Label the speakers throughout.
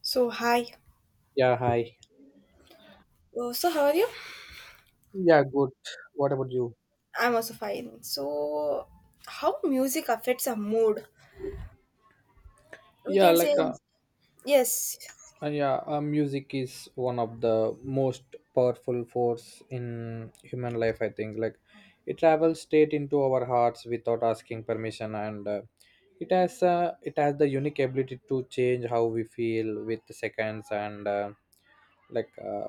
Speaker 1: So hi.
Speaker 2: Yeah, hi.
Speaker 1: So how are you?
Speaker 2: Yeah, good. What about you?
Speaker 1: I'm also fine. So how music affects our mood? We
Speaker 2: Yeah,
Speaker 1: can say
Speaker 2: like uh,
Speaker 1: yes,
Speaker 2: yeah, Music is one of the most powerful force in human life. I think it travels straight into our hearts without asking permission, and it has the unique ability to change how we feel with seconds and like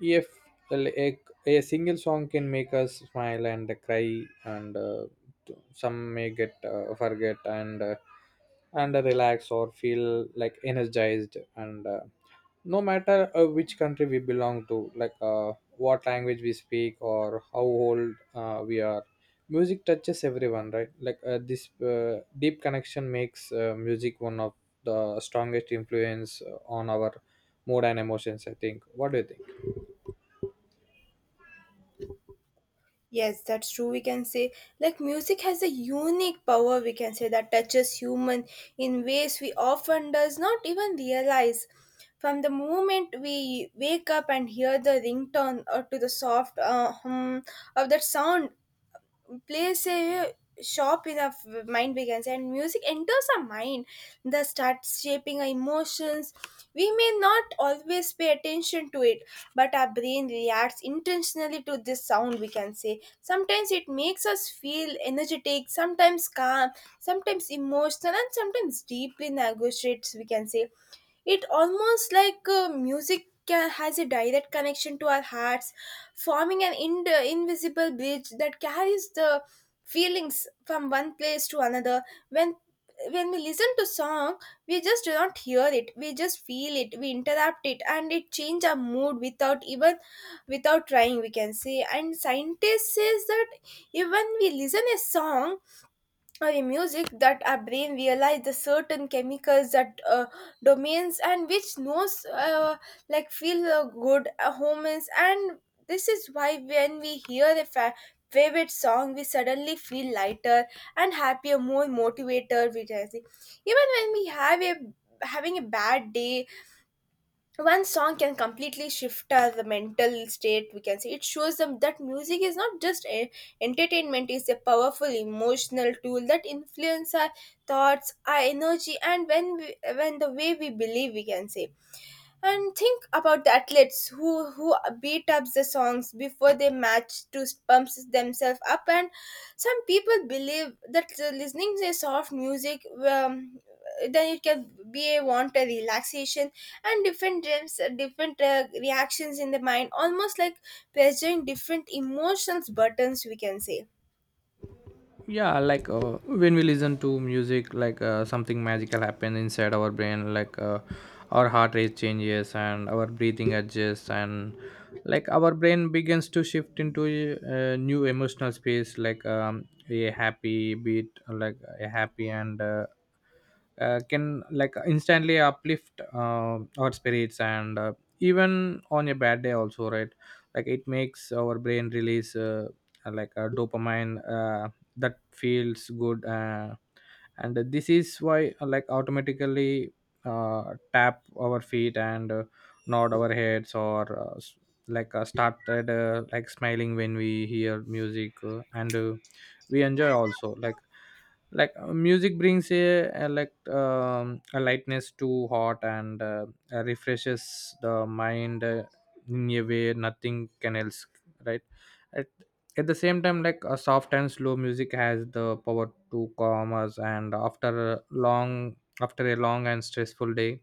Speaker 2: if like, a single song can make us smile and cry, and some may get forget and and relax or feel like energized, and no matter which country we belong to, what language we speak or how old we are, music touches everyone, right? This deep connection makes music one of the strongest influence on our mood and emotions, I think. What do you think?
Speaker 1: yes, that's true. We can say like music has a unique power. We can say that touches human in ways we often does not even realize. From the moment we wake up and hear the ringtone or to the soft hum of that sound, plays a shop in our mind begins, and music enters our mind, that starts shaping our emotions. We may not always pay attention to it, but our brain reacts intentionally to this sound, we can say. Sometimes it makes us feel energetic, sometimes calm, sometimes emotional, and sometimes deeply negotiates, we can say. It almost like has a direct connection to our hearts, forming an invisible bridge that carries the feelings from one place to another. When when we listen to song, we just do not hear it, we just feel it, we interrupt it, and it change our mood without even without trying, we can say. And scientists says that even we listen a song or in music, that our brain realize the certain chemicals that domains, and which knows, like feel good hormones. And this is why when we hear a favorite song, we suddenly feel lighter and happier, more motivated, which I see. Even when we have a having a bad day, one song can completely shift our mental state, we can say. It shows them that music is not just a entertainment, it's a powerful emotional tool that influence our thoughts, our energy, and when the way we believe, we can say. And think about the athletes who beat up the songs before they match to pump themselves up. And some people believe that the listening to soft music, then it can be a want a relaxation and different dreams, different reactions in the mind, almost like pressuring different emotions buttons, we can say.
Speaker 2: yeah like uh, when we listen to music, something magical happens inside our brain. Our heart rate changes and our breathing adjusts, and our brain begins to shift into a new emotional space. A happy beat, like a happy and can instantly uplift our spirits, and even on a bad day also, right? Like it makes our brain release a dopamine that feels good, and this is why automatically tap our feet, and nod our heads or uh, s- started smiling when we hear music, and we enjoy also. Music brings a a lightness to heart, and refreshes the mind in a way nothing can else, right? At the same time, a soft and slow music has the power to calm us, and after a long and stressful day,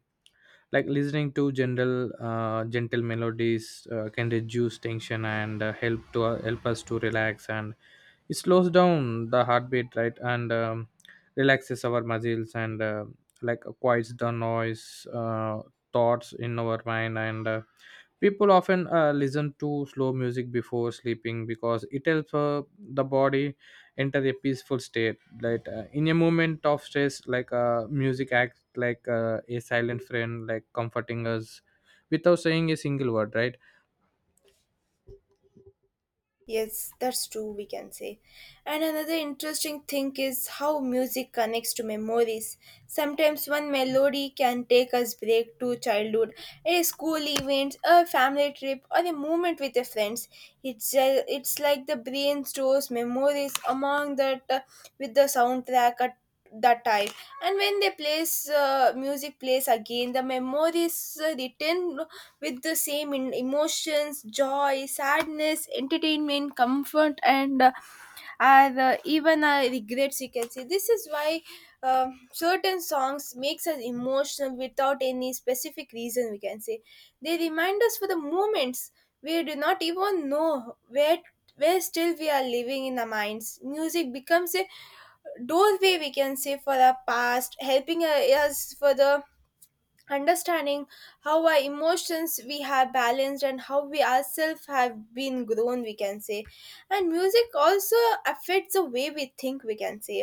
Speaker 2: listening to general gentle melodies can reduce tension, and help us to relax. And it slows down the heartbeat, right? And relaxes our muscles, and quiets the noise thoughts in our mind. And People often listen to slow music before sleeping because it helps the body enter a peaceful state. In a moment of stress, music acts like a silent friend, like comforting us without saying a single word, right?
Speaker 1: Yes, that's true, we can say. And another interesting thing is how music connects to memories. Sometimes one melody can take us back to childhood, a school event, a family trip, or a moment with the friends. It's like the brain stores memories among that with the soundtrack at that time. And when they plays music plays again, the memories written with the same in emotions, joy, sadness, entertainment, comfort, and even our regrets, you can say. This is why certain songs makes us emotional without any specific reason, we can say. They remind us for the moments we do not even know where still we are living in our minds. Music becomes a doorway, we can say, for our past, helping us for the understanding how our emotions we have balanced and how we ourselves have been grown, we can say. And music also affects the way we think, we can say.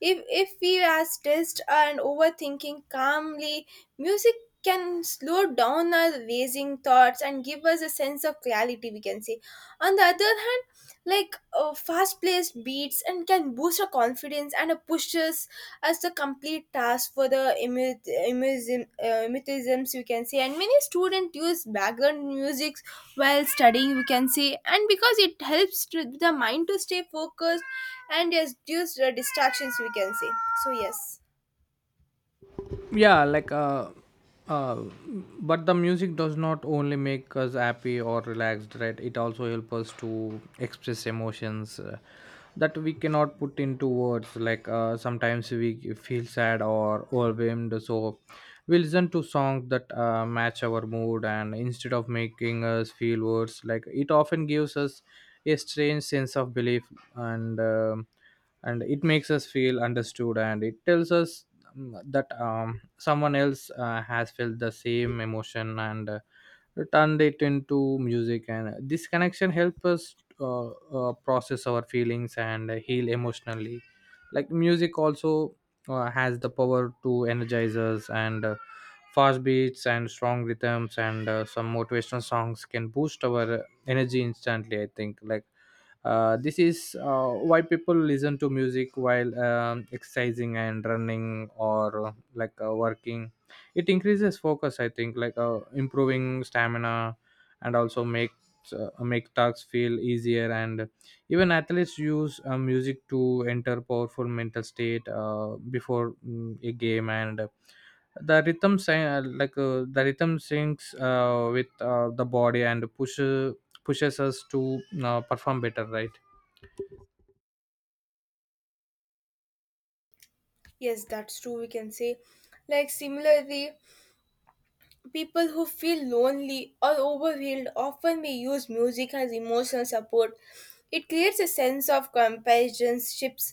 Speaker 1: If we are stressed and overthinking calmly, music can slow down our racing thoughts and give us a sense of clarity, we can say. On the other hand, like fast paced beats and can boost our confidence and pushes as the complete task for the emutisms, we can say. And many students use background music while studying, we can say, and because it helps to the mind to stay focused and reduce the distractions, we can say. So yes.
Speaker 2: yeah like uh, uh but the music does not only make us happy or relaxed, right? It also helps us to express emotions that we cannot put into words. Sometimes we feel sad or overwhelmed, so we listen to songs that match our mood, and instead of making us feel worse, it often gives us a strange sense of belief, and and it makes us feel understood, and it tells us that someone else has felt the same emotion, and turned it into music, and this connection helps us process our feelings and heal emotionally. Music also has the power to energize us, and fast beats and strong rhythms and some motivational songs can boost our energy instantly, I think. This is why people listen to music while exercising and running, or working. It increases focus, I think, improving stamina and also makes make tasks feel easier. And even athletes use music to enter powerful mental state before a game. And. the rhythm syncs with the body and pushes us to perform better, right?
Speaker 1: Yes, that's true, we can say. Like similarly, people who feel lonely or overwhelmed often may use music as emotional support. It creates a sense of companionships,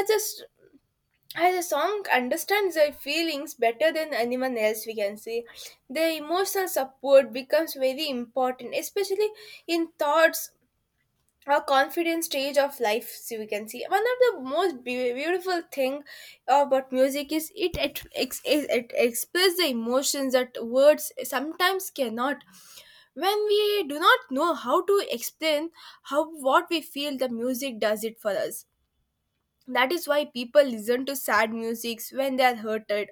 Speaker 1: as a s- as a song understands their feelings better than anyone else, we can see. The emotional support becomes very important, especially in thoughts or confidence stage of life. So we can see one of the most beautiful thing about music is it expresses the emotions that words sometimes cannot. When we do not know how to explain how what we feel, the music does it for us. That is why people listen to sad musics when they are hurted.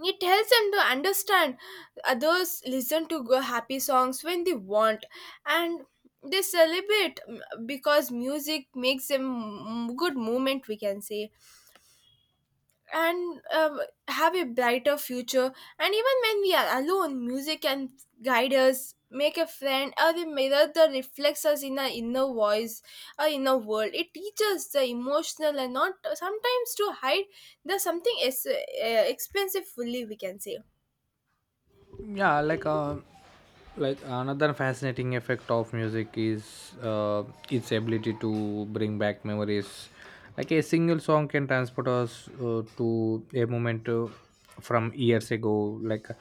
Speaker 1: It helps them to understand. Others listen to go happy songs when they want, and they celebrate, because music makes them, good moment we can say, and have a brighter future. And even when we are alone, music can guide us, make a friend, or a mirror that reflects us in our inner voice, our inner world. It teaches the emotional and not sometimes to hide the something is expensive fully. We can say.
Speaker 2: yeah like uh, Another fascinating effect of music is its ability to bring back memories. A single song can transport us to a moment from years ago.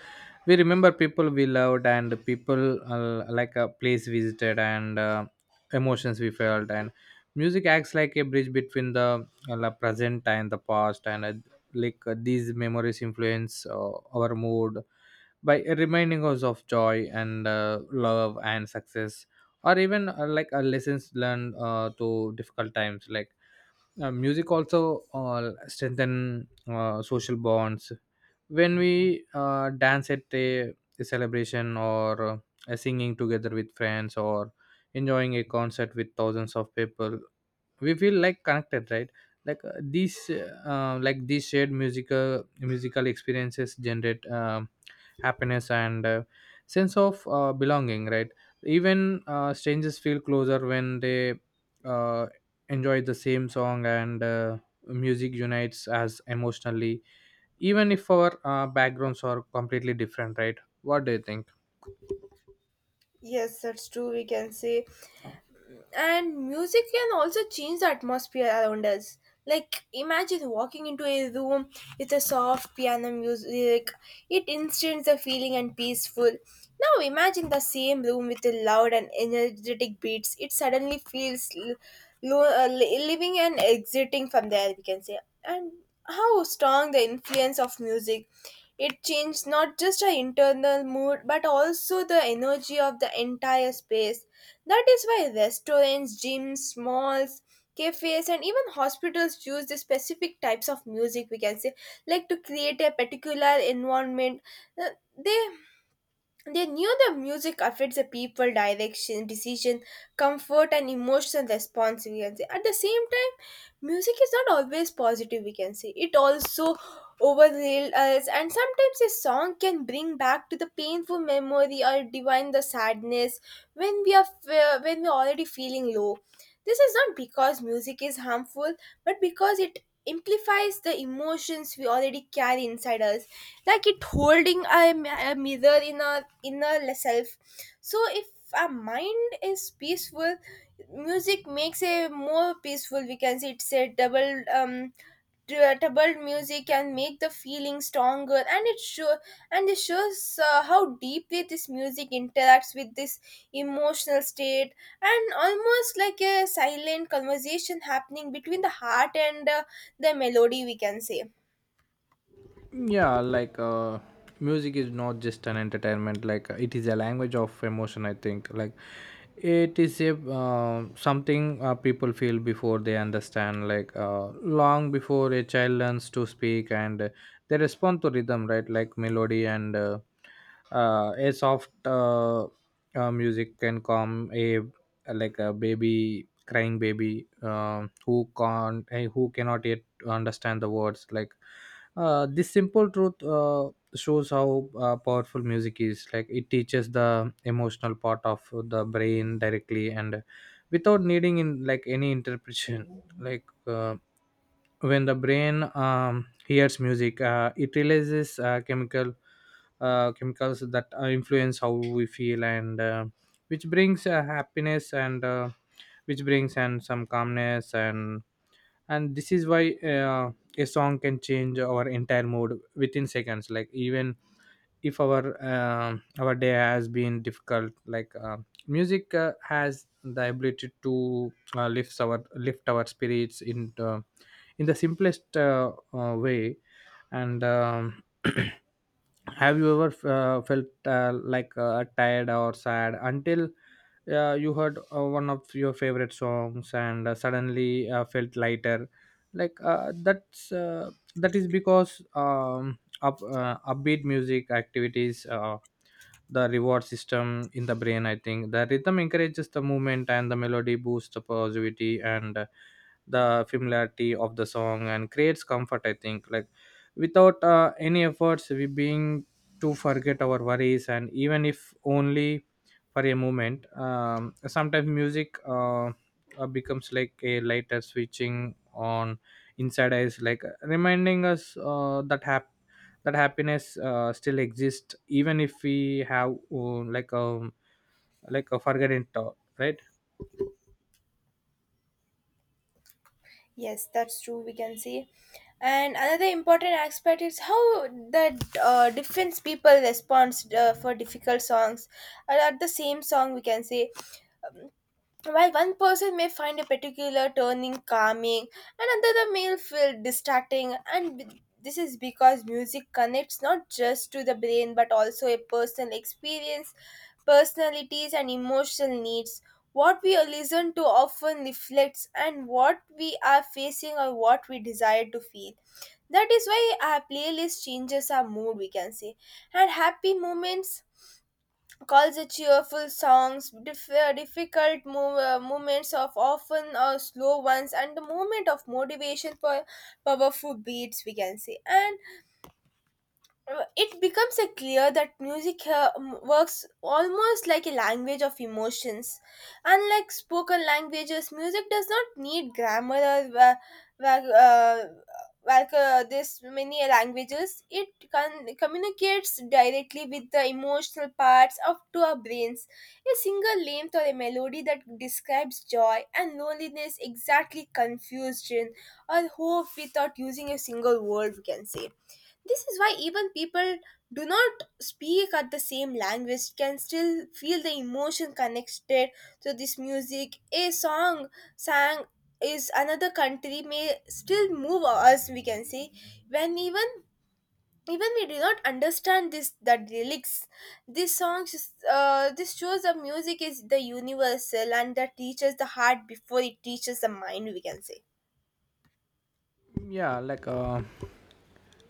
Speaker 2: We remember people we loved, and people a place visited, and emotions we felt, and music acts like a bridge between the present and the past. And like These memories influence our mood by reminding us of joy, and love and success, or even lessons learned to difficult times. Music also strengthen social bonds when we dance at a celebration, or singing together with friends, or enjoying a concert with thousands of people, we feel like connected, right? These shared musical experiences generate happiness, and sense of belonging, right? Even strangers feel closer when they uh, enjoy the same song, and music unites us emotionally even if our backgrounds are completely different, right? What do you think?
Speaker 1: Yes, that's true. We can say, and music can also change the atmosphere around us. Like imagine walking into a room with a soft piano music. It instantly the feeling and peaceful. Now imagine the same room with the loud and energetic beats. It suddenly feels living and exiting from there. We can say, and how strong the influence of music. It changed not just our internal mood but also the energy of the entire space. That is why restaurants, gyms, malls, cafes, and even hospitals use the specific types of music, we can say, like to create a particular environment. Uh, They they knew the music affects the people direction, decision, comfort, and emotional response. We can say at the same time, music is not always positive. We can say it also overlays us, and sometimes a song can bring back to the painful memory or divine the sadness when we are when we are already feeling low. This is not because music is harmful, but because it amplifies the emotions we already carry inside us, like it holding a mirror in our inner self. So if our mind is peaceful, music makes a more peaceful, we can say. It's a double double, music can make the feeling stronger, and it sure and it shows how deeply this music interacts with this emotional state, and almost like a silent conversation happening between the heart and the melody, we can say.
Speaker 2: yeah like uh Music is not just an entertainment, it is a language of emotion, I think. It is a something people feel before they understand. Long before a child learns to speak, and they respond to rhythm, right? Like melody, and a soft music can calm a baby, crying baby, who can't, who cannot yet to understand the words. This simple truth shows how powerful music is. Like it teaches the emotional part of the brain directly, and without needing in any interpretation. like uh, when the brain hears music, it releases chemicals that influence how we feel, and which brings happiness, and which brings and some calmness. And this is why a song can change our entire mood within seconds. Like even if our day has been difficult, music has the ability to lift our spirits in the simplest way. And Have you ever felt tired or sad until you heard one of your favorite songs, and suddenly felt lighter? like uh, that's uh, that is because upbeat music activities the reward system in the brain, I think. The rhythm encourages the movement, and the melody boosts the positivity, and the familiarity of the song and creates comfort, I think. Without any efforts, we being to forget our worries, and even if only for a moment. Sometimes music becomes like a lighter switching on inside us, reminding us that happiness still exists, even if we have a forgotten thought, right?
Speaker 1: Yes, that's true. We can see, and another important aspect is how the different people responds for difficult songs. At the same song, we can say, while one person may find a particular turning calming, another may feel distracting, and this is because music connects not just to the brain but also a personal experience, personalities, and emotional needs. What we listen to often reflects and what we are facing or what we desire to feel. That is why our playlist changes our mood, we can say. And happy moments calls a cheerful songs, difficult moments of often slow ones, and the moment of motivation for powerful beats, we can say. And it becomes clear that music here works almost like a language of emotions. Unlike spoken languages, music does not need grammar or wa- uh, like this many languages. It communicates directly with the emotional parts of to our brains. A single length or a melody that describes joy and loneliness, exactly confusion or hope, without using a single word, we can say. This is why even people do not speak at the same language can still feel the emotion connected to this music. A song sang is another country may still move us, we can say, when even we do not understand this the lyrics. This song just, this shows the music is the universal and that teaches the heart before it teaches the mind, we can say.
Speaker 2: yeah like uh,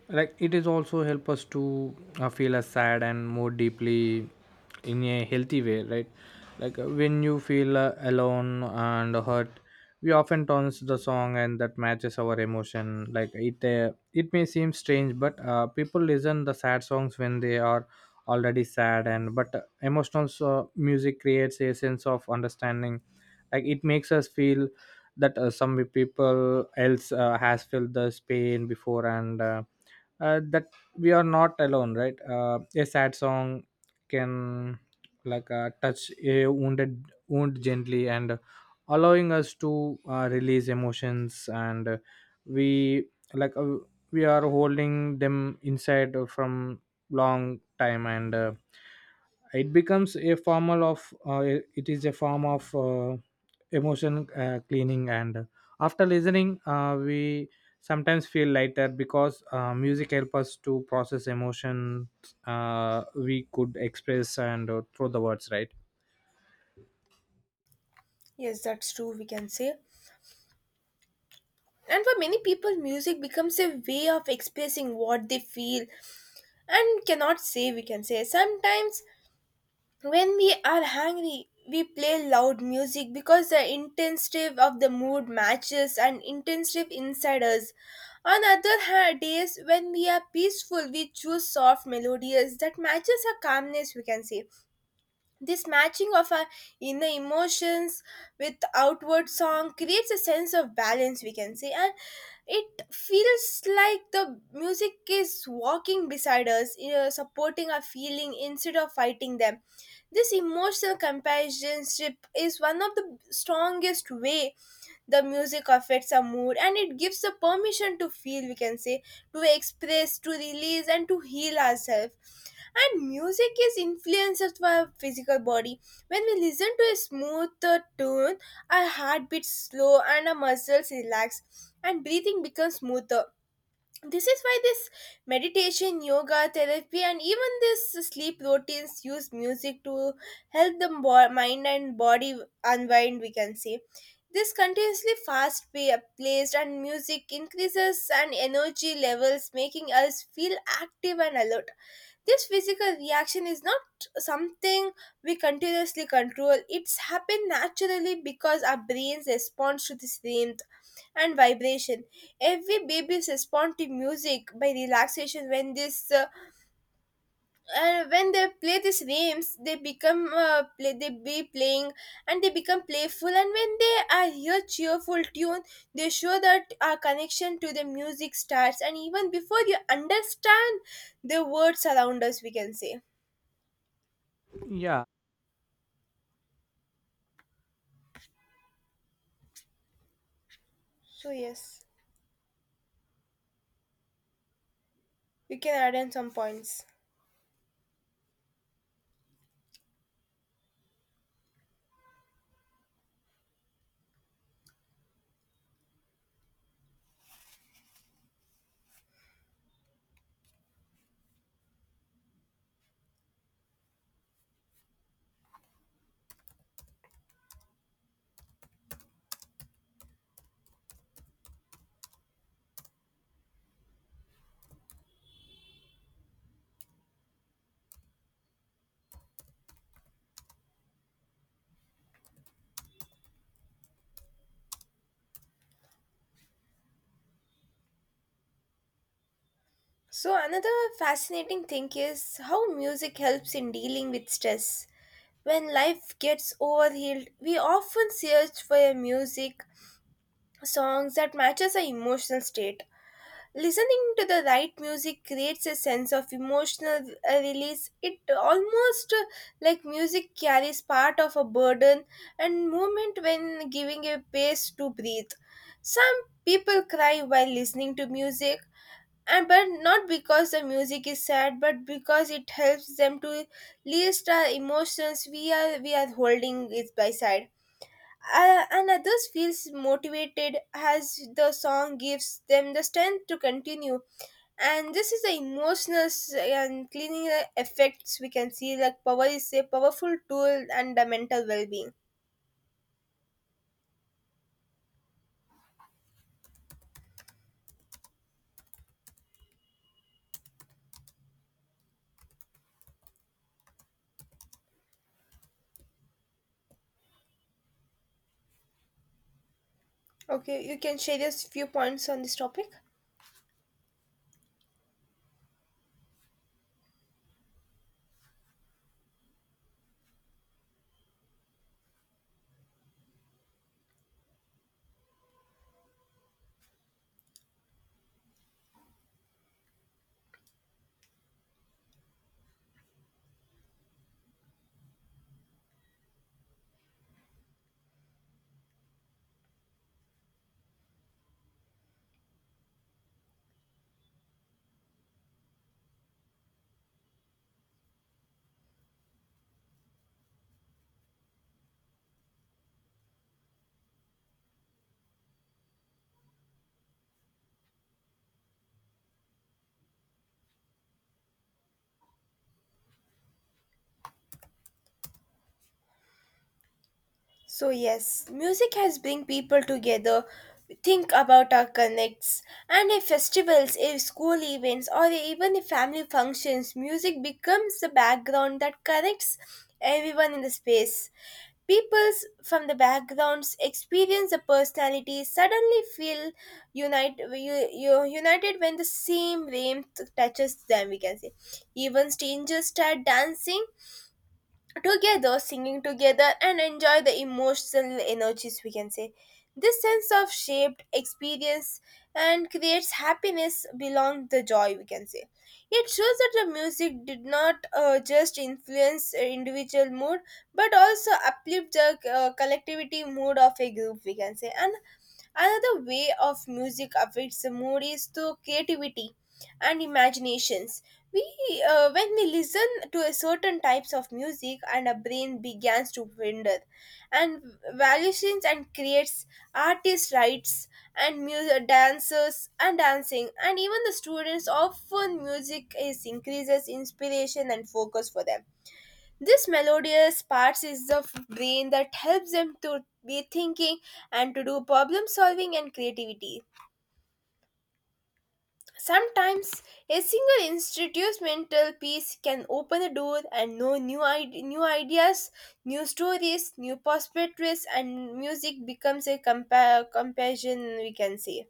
Speaker 2: it is also help us to feel as sad and more deeply in a healthy way, right? When you feel alone and hurt, we often turns the song and that matches our emotion. It may seem strange, but people listen the sad songs when they are already sad, and but emotional music creates a sense of understanding. It makes us feel that some people else has felt this pain before, and that we are not alone, right? A sad song can touch a wound gently, and allowing us to release emotions, and we like we are holding them inside from long time. And It becomes a form of it is a form of emotion cleaning, and after listening, we sometimes feel lighter because music helps us to process emotions we could express and through the words, right?
Speaker 1: Yes, that's true, we can say. And for many people, music becomes a way of expressing what they feel and cannot say, we can say. Sometimes, when we are angry, we play loud music because the intensity of the mood matches and intensity inside us. On other hand, days when we are peaceful, we choose soft melodies that matches our calmness, we can say. This matching of our inner emotions with outward song creates a sense of balance, we can say, and it feels like the music is walking beside us, you know, supporting our feeling instead of fighting them. This emotional companionship is one of the strongest way the music affects our mood, and it gives the permission to feel, we can say, to express, to release, and to heal ourselves. And music is influenced by our physical body. When we listen to a smoother tune, our heart beats slow and our muscles relax, and breathing becomes smoother. This is why this meditation, yoga, therapy, and even this sleep routines use music to help the mind and body unwind, we can say. This continuously placed and music increases and energy levels, making us feel active and alert. This physical reaction is not something we continuously control. It's happened naturally because our brains responds to this rhythm and vibration. Every babies respond to music by relaxation. When they play these games, they become playing, and they become playful, and when they are hear cheerful tune, they show that our connection to the music starts and even before you understand the words around us, we can say.
Speaker 2: Yeah,
Speaker 1: So yes, you can add in some points. So another fascinating thing is how music helps in dealing with stress. When life gets overhealed, we often search for a music songs that matches our emotional state. Listening to the right music creates a sense of emotional release. It almost like music carries part of a burden and movement when giving a space to breathe. Some people cry while listening to music, and but not because the music is sad but because it helps them to list our emotions we are holding it by side, and others feels motivated as the song gives them the strength to continue. And this is the emotional and cleaning effects we can see, like power is a powerful tool and the mental well-being. Okay, you can share your few points on this topic. So yes, music has bring people together. Think about our connects and if festivals, if school events, or even if family functions, music becomes the background that connects everyone in the space. Peoples from the backgrounds experience the personality suddenly feel unite, united when the same wave touches them, we can say. Even strangers start dancing together, singing together, and enjoy the emotional energies, we can say. This sense of shaped experience and creates happiness belong the joy, we can say. It shows that the music did not just influence individual mood but also uplift the collectivity mood of a group, we can say. And another way of music affects the mood is through creativity and imaginations. We uh, when we listen to a certain types of music, and our brain begins to wander and valuations and creates artist rights and music dancers and dancing. And even the students often music is increases inspiration and focus for them. This melodious parts is the brain that helps them to be thinking and to do problem solving and creativity. Sometimes a single institute's mental peace can open a door and know new ideas, new stories, new perspectives, and music becomes a compassion, we can say.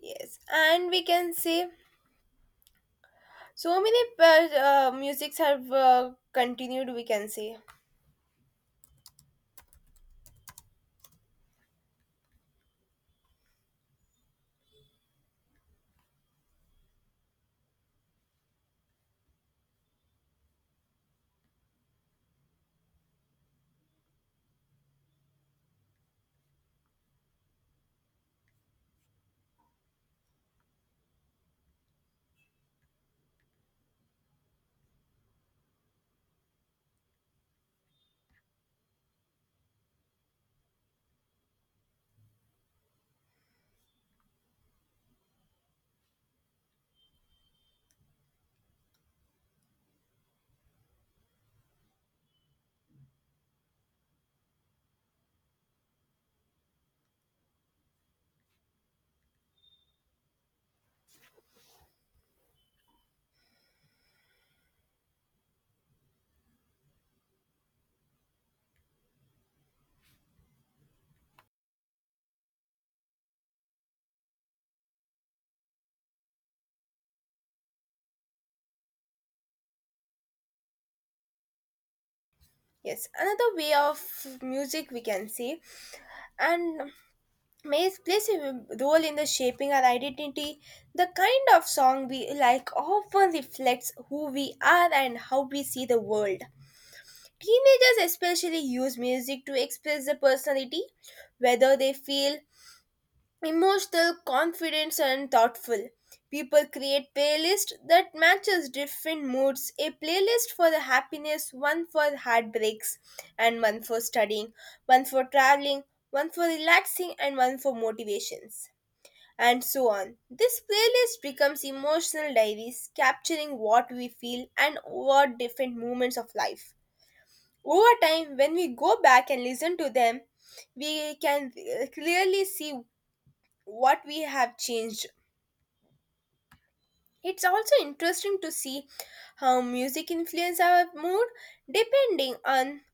Speaker 1: Yes, and we can say so many musics have continued, we can say. Yes, another way of music, we can say. And Maze plays a role in the shaping our identity. The kind of song we like often reflects who we are and how we see the world. Teenagers especially use music to express their personality, whether they feel emotional, confident, and thoughtful. People create playlists that matches different moods. A playlist for the happiness, one for heartbreaks, and one for studying, one for traveling, one for relaxing, and one for motivations, and so on. This playlist becomes emotional diaries capturing what we feel and what different moments of life. Over time, when we go back and listen to them, we can clearly see what we have changed. It's also interesting to see how music influences our mood depending on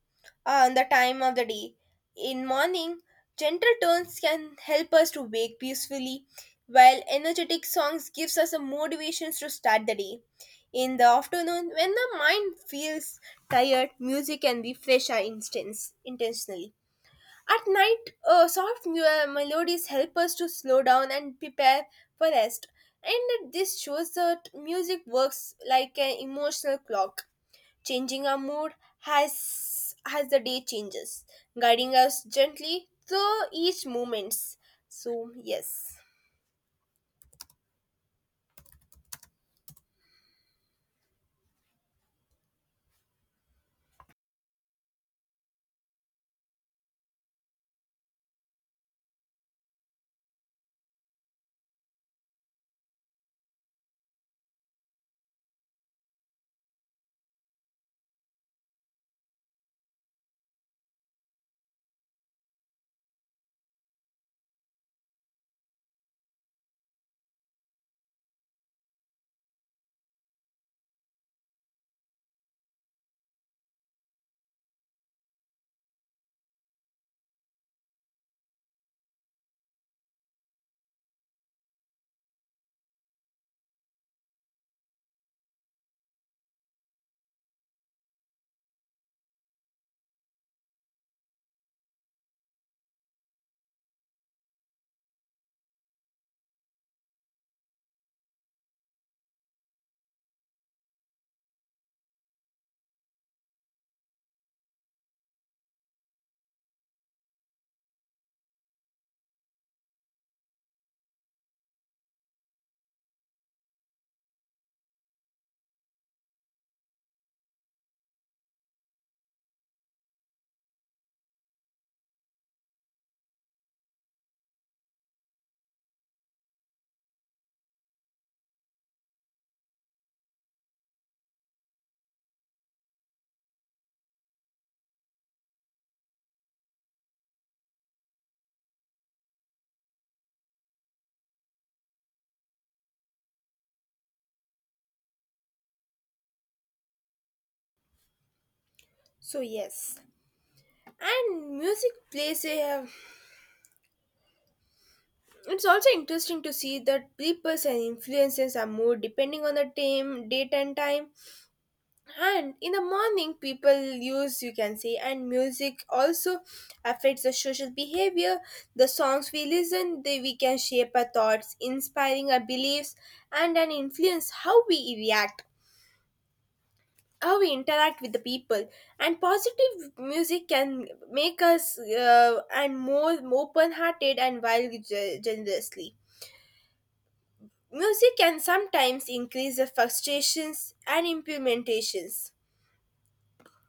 Speaker 1: on the time of the day. In morning, gentle tones can help us to wake peacefully, while energetic songs gives us a motivations to start the day. In the afternoon, when the mind feels tired, music can refresh our instance intentionally. At night, soft melodies help us to slow down and prepare for rest. And this shows that music works like an emotional clock, changing our mood has as the day changes, guiding us gently through each moments. So yes. So yes, and music plays a. It's also interesting to see that people and influences are more depending on the time, date, and time. And in the morning people use, you can say, and music also affects the social behavior. The songs we listen, they we can shape our thoughts, inspiring our beliefs, and an influence how we react, how we interact with the people. And positive music can make us and more open hearted and wild generously. Music can sometimes increase the frustrations and implementations.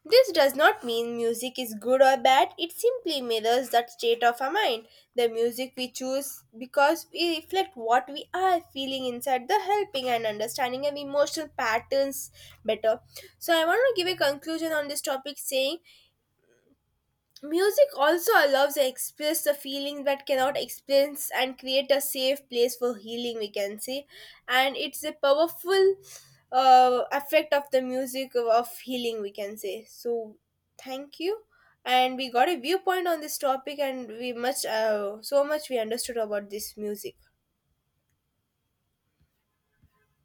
Speaker 1: This does not mean music is good or bad, it simply mirrors that state of our mind. The music we choose because we reflect what we are feeling inside the helping and understanding of emotional patterns better. So I want to give a conclusion on this topic saying music also allows to express the feeling that cannot express and create a safe place for healing, we can say. And it's a powerful effect of the music of healing, we can say. So thank you. And we got a viewpoint on this topic, and we much, so much we understood about this music.